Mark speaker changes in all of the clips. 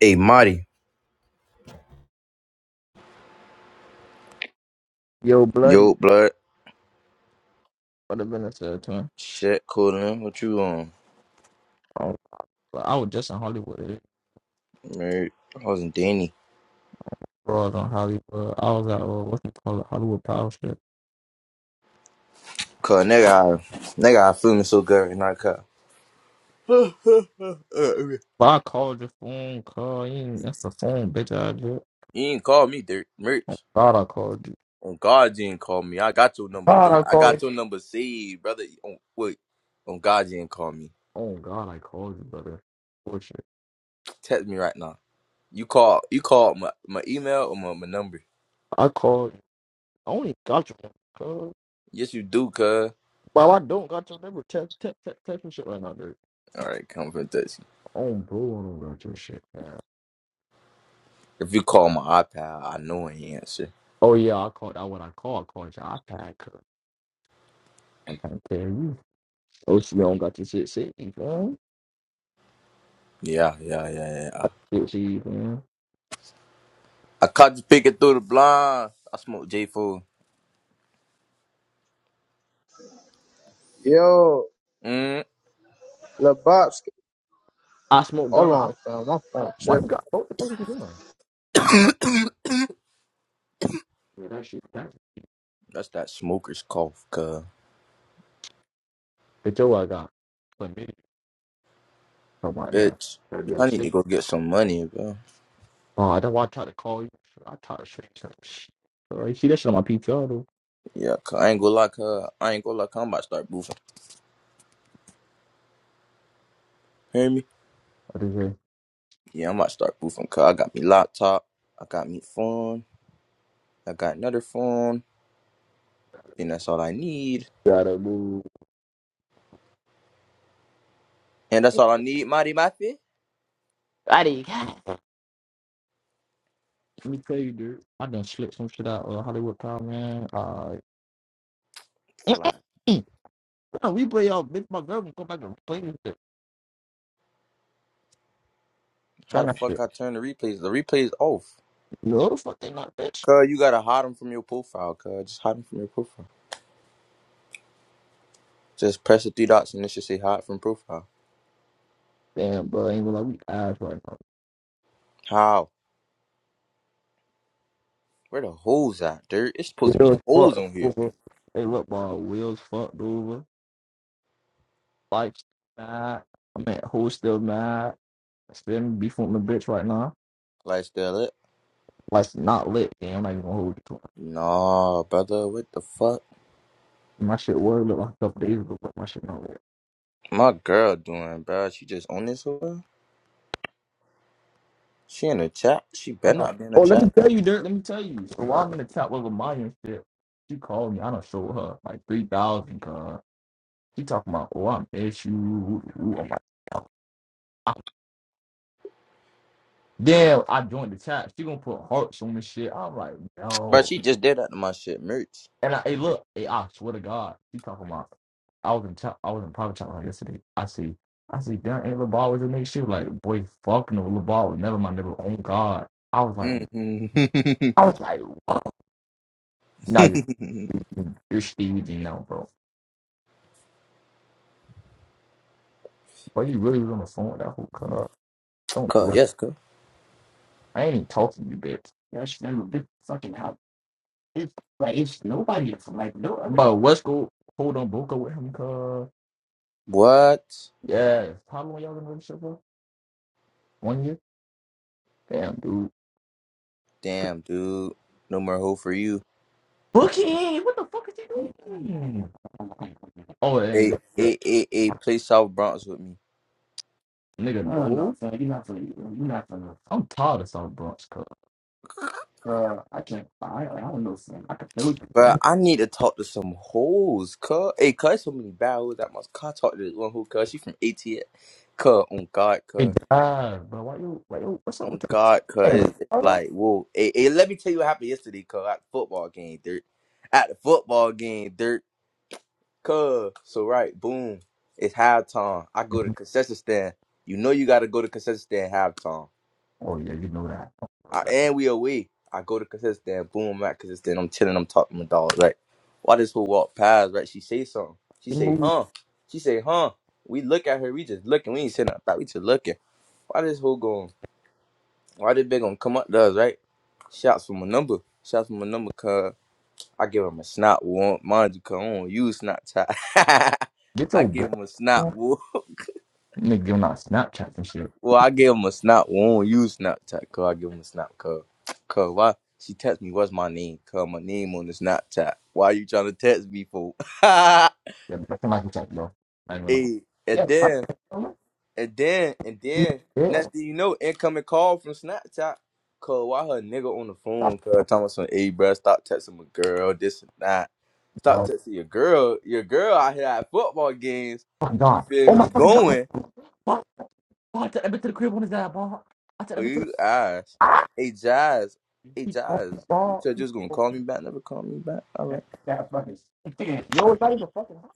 Speaker 1: Hey, Marty.
Speaker 2: Yo, bloody
Speaker 1: Yo, blood.
Speaker 2: what the been said to him.
Speaker 1: Shit, cool man. What you on?
Speaker 2: I was, I was just in Hollywood.
Speaker 1: Married. I wasn't Danny.
Speaker 2: Bro, I was on Hollywood. I was at uh, what's it called, Hollywood Power Strip.
Speaker 1: Cause nigga, I, nigga, I feeling so good right now, cuz.
Speaker 2: But I called your phone, call you. ain't- That's the phone, bitch. I did.
Speaker 1: you ain't call me, Dirt.
Speaker 2: Oh
Speaker 1: Merch.
Speaker 2: God, I called you.
Speaker 1: On God, you ain't call me. I got your number,
Speaker 2: God,
Speaker 1: Dirt.
Speaker 2: I
Speaker 1: I
Speaker 2: called.
Speaker 1: got
Speaker 2: you.
Speaker 1: your number saved, brother. On, wait. On God, you ain't call me.
Speaker 2: Oh God, I called you, brother. Bullshit.
Speaker 1: Text me right now. You call. You call my, my email or my, my number.
Speaker 2: I called. you. I only got your phone.
Speaker 1: Yes, you do, cuz.
Speaker 2: But if I don't got your number. Text, text, text, text me shit right now, dude.
Speaker 1: All right, come for Dutch.
Speaker 2: Oh, bro, I don't got your shit. Man.
Speaker 1: If you call my iPad, I know I ain't answer.
Speaker 2: Oh yeah, I called. I when I called, I called your iPad. 'cause I can't tell you. Oh, she don't got this shit saved, man.
Speaker 1: Yeah, yeah, yeah, yeah.
Speaker 2: Shit saved, man.
Speaker 1: I caught you picking through the blinds. I smoked J four.
Speaker 3: Yo,
Speaker 1: Mm.
Speaker 3: Lebowski,
Speaker 2: I smoke gun.
Speaker 3: hold
Speaker 2: I,
Speaker 3: on, fam. My
Speaker 2: I,
Speaker 3: phone tripping.
Speaker 2: why you got? What the fuck is you doing? Yeah, that shit. That
Speaker 1: That's that smoker's cough, cuz.
Speaker 2: the Joe I got. But me, come on now.
Speaker 1: Bitch. Bitch,
Speaker 2: Goddamn
Speaker 1: I need
Speaker 2: sick.
Speaker 1: to go get some money, bro.
Speaker 2: Oh, that's why I tried to call you. I tried to show you some shit. All right, see that shit on my PTR though.
Speaker 1: Yeah, cuz I ain't gonna lie, cuz. I ain't gonna lie, cuz I'm about to start boofing. Hear me?
Speaker 2: I just say,
Speaker 1: Yeah, I'm about to start boofing, cuz. I got me laptop. I got me phone. I got another phone. And that's all I need.
Speaker 2: gotta move.
Speaker 1: And that's all I need, Marty Mafi.
Speaker 2: I did. Let me tell you, dude. I done slipped some shit out of Hollywood Town, man. Uh,
Speaker 1: Fly.
Speaker 2: Mm. Nah, we play y'all, bitch. My girl, go back and play this shit.
Speaker 1: How
Speaker 2: Try
Speaker 1: the
Speaker 2: not
Speaker 1: fuck
Speaker 2: to.
Speaker 1: I turn the replays? The replays off.
Speaker 2: No, the fuck they not, bitch.
Speaker 1: Cuz, you gotta hide them from your profile, cuz. Just hide them from your profile. Just press the three dots and it should say hide from profile.
Speaker 2: Damn, bro. ain't gonna lie. We ass right now.
Speaker 1: How? Where the holes at, dude? It's supposed to be
Speaker 2: Wheels
Speaker 1: holes
Speaker 2: fucked
Speaker 1: on here.
Speaker 2: over. Hey, look, ball. Wheels fucked over. Life's mad. I'm at who's still mad. I still beefing with my bitch right now.
Speaker 1: Lifestyle it.
Speaker 2: Life's not lit. Damn, I'm not even gonna hold you to it.
Speaker 1: Nah, brother, what the fuck?
Speaker 2: My shit was lit like a couple days ago, but my shit not lit.
Speaker 1: My girl doing, bro? She just on this one? She in the chat? She
Speaker 2: I
Speaker 1: better
Speaker 2: know.
Speaker 1: not be in
Speaker 2: Oh,
Speaker 1: the
Speaker 2: let me
Speaker 1: chat.
Speaker 2: tell you, Dirt. Let me tell you. So while I'm in the chat with Amaya and shit, she called me. I don't show her like three thousand. Cause she talking about, oh, I miss you. Ooh, ooh. I'm like, damn. I joined the chat. She gonna put hearts on this shit. I'm like,
Speaker 1: Bro,
Speaker 2: no.
Speaker 1: she just did that to my shit, merch.
Speaker 2: And I, hey, look, hey, I swear to God, you talking about? I was in chop, I was in private chat line yesterday. I see, I see, damn, ain't LeBron was in this shit. Like, boy, fuck no, LeBron was never my nigga. Oh God, I was like,
Speaker 1: Mm-hmm.
Speaker 2: I was like, whoa. Now you're you're Steve, you know, bro. But you really was on the phone with that whole car. Don't do
Speaker 1: Cut,
Speaker 2: it.
Speaker 1: yes, cut.
Speaker 2: I ain't even talking to you, bitch. Yeah, she never been fucking out. it's like it's nobody from like no. other- Bro, what's go hold on, broke up with him, cuz.
Speaker 1: What?
Speaker 2: Yeah, how long y'all been in the relationship for? One year. Damn, dude.
Speaker 1: Damn, dude. No more hoe for you.
Speaker 2: Bookie, what the fuck is he doing? Oh, hey,
Speaker 1: Hey,
Speaker 2: look, yeah,
Speaker 1: hey, hey, hey, play South Bronx with me.
Speaker 2: nigga, no, no, son, you're not from, you're not from. I'm tired of South Bronx, cuz. Uh, I can't, I, I don't know, son. I can feel it.
Speaker 1: But
Speaker 2: man.
Speaker 1: I need to talk to some hoes, cuz. Hey, cuz, so many bad hoes at my car. Talk to this one hoe, cuz. She from ATL. Cuz, on God,
Speaker 2: It
Speaker 1: cuz.
Speaker 2: does, but why you, why you, what's up
Speaker 1: On
Speaker 2: with your
Speaker 1: God, cuz.
Speaker 2: friend?
Speaker 1: it's
Speaker 2: Oh,
Speaker 1: like, whoa. Hey, hey, let me tell you what happened yesterday, cuz. At the football game, dirt. At the football game, dirt. Cuz. So, right, boom. It's halftime. I go to
Speaker 2: Mhm.
Speaker 1: concession stand. You know you got to go to concession stand halftime.
Speaker 2: Oh, yeah, you know that.
Speaker 1: I, and we away. I go to consistent and boom, I'm at consistent. I'm chilling. I'm talking to my dog. Right. Why this whole walk past? Right. She say something. She
Speaker 2: You
Speaker 1: say,
Speaker 2: move,
Speaker 1: huh? She say, huh? We look at her. We just looking. We ain't saying nothing back. We just looking. Why this whole going? Why this big gonna come up to us? Right. Shouts for my number. Shouts for my number. Cause I give him a snap. One, mind you, cause I don't use Snapchat.
Speaker 2: get
Speaker 1: I
Speaker 2: your bro.
Speaker 1: give him a snap.
Speaker 2: Nigga, giving out Snapchats and shit.
Speaker 1: Well, I gave him a snap. Well, I don't use Snapchat, cause I give him a snap, cause, cause why? She text me, what's my name? Cause my name on the Snapchat. Why you trying to text me for?
Speaker 2: Yeah, nothing like a chat, bro. I ain't gonna.
Speaker 1: hey,
Speaker 2: Yeah,
Speaker 1: and
Speaker 2: like,
Speaker 1: then, and then, and then,
Speaker 2: yeah,
Speaker 1: next thing you know, incoming call from Snapchat. Cause why her nigga on the
Speaker 2: stop.
Speaker 1: phone? Cause talking about some, hey, bruh, stop texting my girl, this and that.
Speaker 2: No.
Speaker 1: Stop texting your girl. Your girl out here at football games.
Speaker 2: my
Speaker 1: You
Speaker 2: god.
Speaker 1: feel
Speaker 2: Oh
Speaker 1: me?
Speaker 2: my fucking god.
Speaker 1: Going.
Speaker 2: Ball, ball, i took that been to the crib when his dad bought. I said,
Speaker 1: Oh,
Speaker 2: that have been to the
Speaker 1: you ass. Hey, Jazz. Hey,
Speaker 2: he broke
Speaker 1: Jazz. You
Speaker 2: ball.
Speaker 1: said you
Speaker 2: He
Speaker 1: was gonna
Speaker 2: broke
Speaker 1: call me back. Never call me back. All
Speaker 2: that,
Speaker 1: right.
Speaker 2: that fucking stand. Yo, it's not even fucking hot.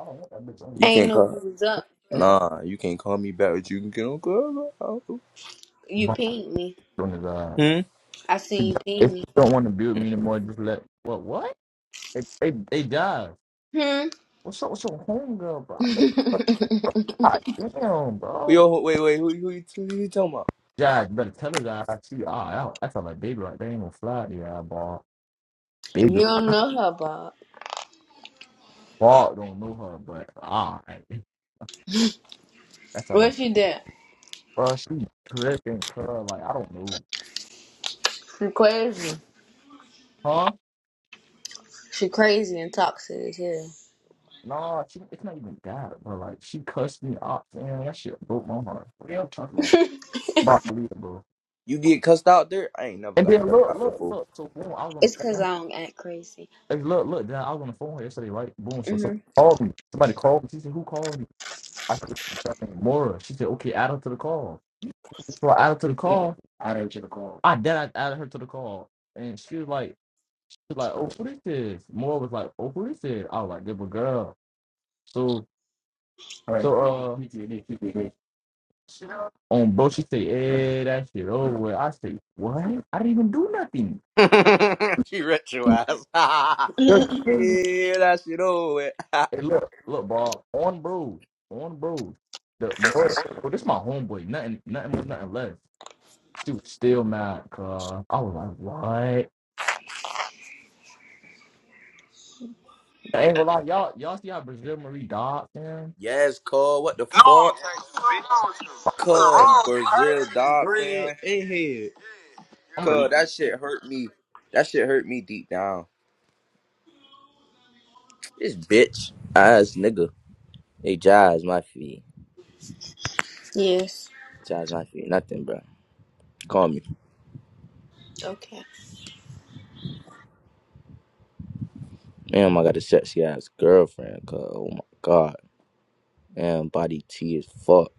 Speaker 2: I don't want that bitch on me.
Speaker 4: I
Speaker 1: You
Speaker 4: ain't
Speaker 1: can't
Speaker 4: know if you
Speaker 1: call.
Speaker 4: was up, but
Speaker 2: Okay.
Speaker 1: Nah, you can't call me back. But you can get on call.
Speaker 4: you
Speaker 2: ball
Speaker 4: pinged me.
Speaker 2: on his uh,
Speaker 1: Hmm.
Speaker 4: I seen you
Speaker 2: if
Speaker 4: ping me.
Speaker 2: you don't want to build me anymore, just let what what? They they, they dive.
Speaker 4: Hmm.
Speaker 2: What's up with your homegirl, bro? God damn, bro.
Speaker 1: Yo, wait, wait. Who, who, you- who, you talking about?
Speaker 2: Jack, you better tell her that I see ah out. That's how my baby right there ain't gonna fly the eyeball. Baby
Speaker 4: you don't know her, Bob.
Speaker 2: ball don't know her, but ah, that's how my.
Speaker 4: What she did?
Speaker 2: Bro, she tripping, bro. Like, I don't know.
Speaker 4: She crazy.
Speaker 2: Huh?
Speaker 4: She crazy and toxic as hell.
Speaker 2: Nah, she, it's not even that, bro. Like, she cussed me out. Damn, that shit broke my heart. What y'all talking about? About to leave, bro.
Speaker 1: You get cussed out there? I ain't never
Speaker 2: And
Speaker 1: got
Speaker 2: then
Speaker 1: cussed
Speaker 2: look,
Speaker 1: out
Speaker 2: look,
Speaker 1: before.
Speaker 2: look. So, boom, I was on the
Speaker 4: it's cause
Speaker 2: phone.
Speaker 4: I don't act crazy.
Speaker 2: Hey, look, look, then I was on the phone yesterday, right? Boom, so, so
Speaker 4: hmm
Speaker 2: called me. Somebody called me. She said, who called me? I said, that thing, Mora. She said, okay, add her to the call. So I added her to the call. Add her to the call. I did. I added her to the call. And she was like, she was like, oh, who this is? Mora was like, oh, who this is? I was like, good girl. So Like, So uh, on bro, she say, "Eh, that shit over." with." I say, "What? I didn't even do nothing."
Speaker 1: she rich your ass.
Speaker 2: Just really,
Speaker 1: Yeah, that shit over. with.
Speaker 2: hey, look, look, bro. On bro, on bro. The more, bro, this my homeboy. Nothing, nothing was nothing left. She was still mad, cause I was like, "What?" I ain't gonna lie, y'all, y'all see how Brazil Marie died, man.
Speaker 1: yes, cuz. What the
Speaker 5: No, I'm
Speaker 1: fuck?
Speaker 5: gonna text you, bitch. What's
Speaker 1: Cuz,
Speaker 2: I'm
Speaker 5: wrong?
Speaker 1: Brazil, dog,
Speaker 5: Bread
Speaker 1: fam.
Speaker 5: and head.
Speaker 2: gonna
Speaker 1: Cuz, that shit hurt me. That shit hurt me deep down. This bitch ass nigga. Hey, Jazz, my feet.
Speaker 4: yes.
Speaker 1: Jazz, my feet. Nothing, bro. Call me.
Speaker 4: Okay.
Speaker 1: Damn, I got a sexy ass girlfriend, cuz. Oh my god. Damn, body T as fuck.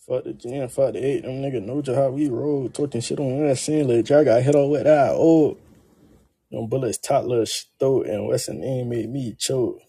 Speaker 6: Fuck the jam, fuck the eight. Them nigga know just how we roll. Talking shit on that scene. Like, I got hit all with that. Oh, them bullets top throat and Weston name made me choke.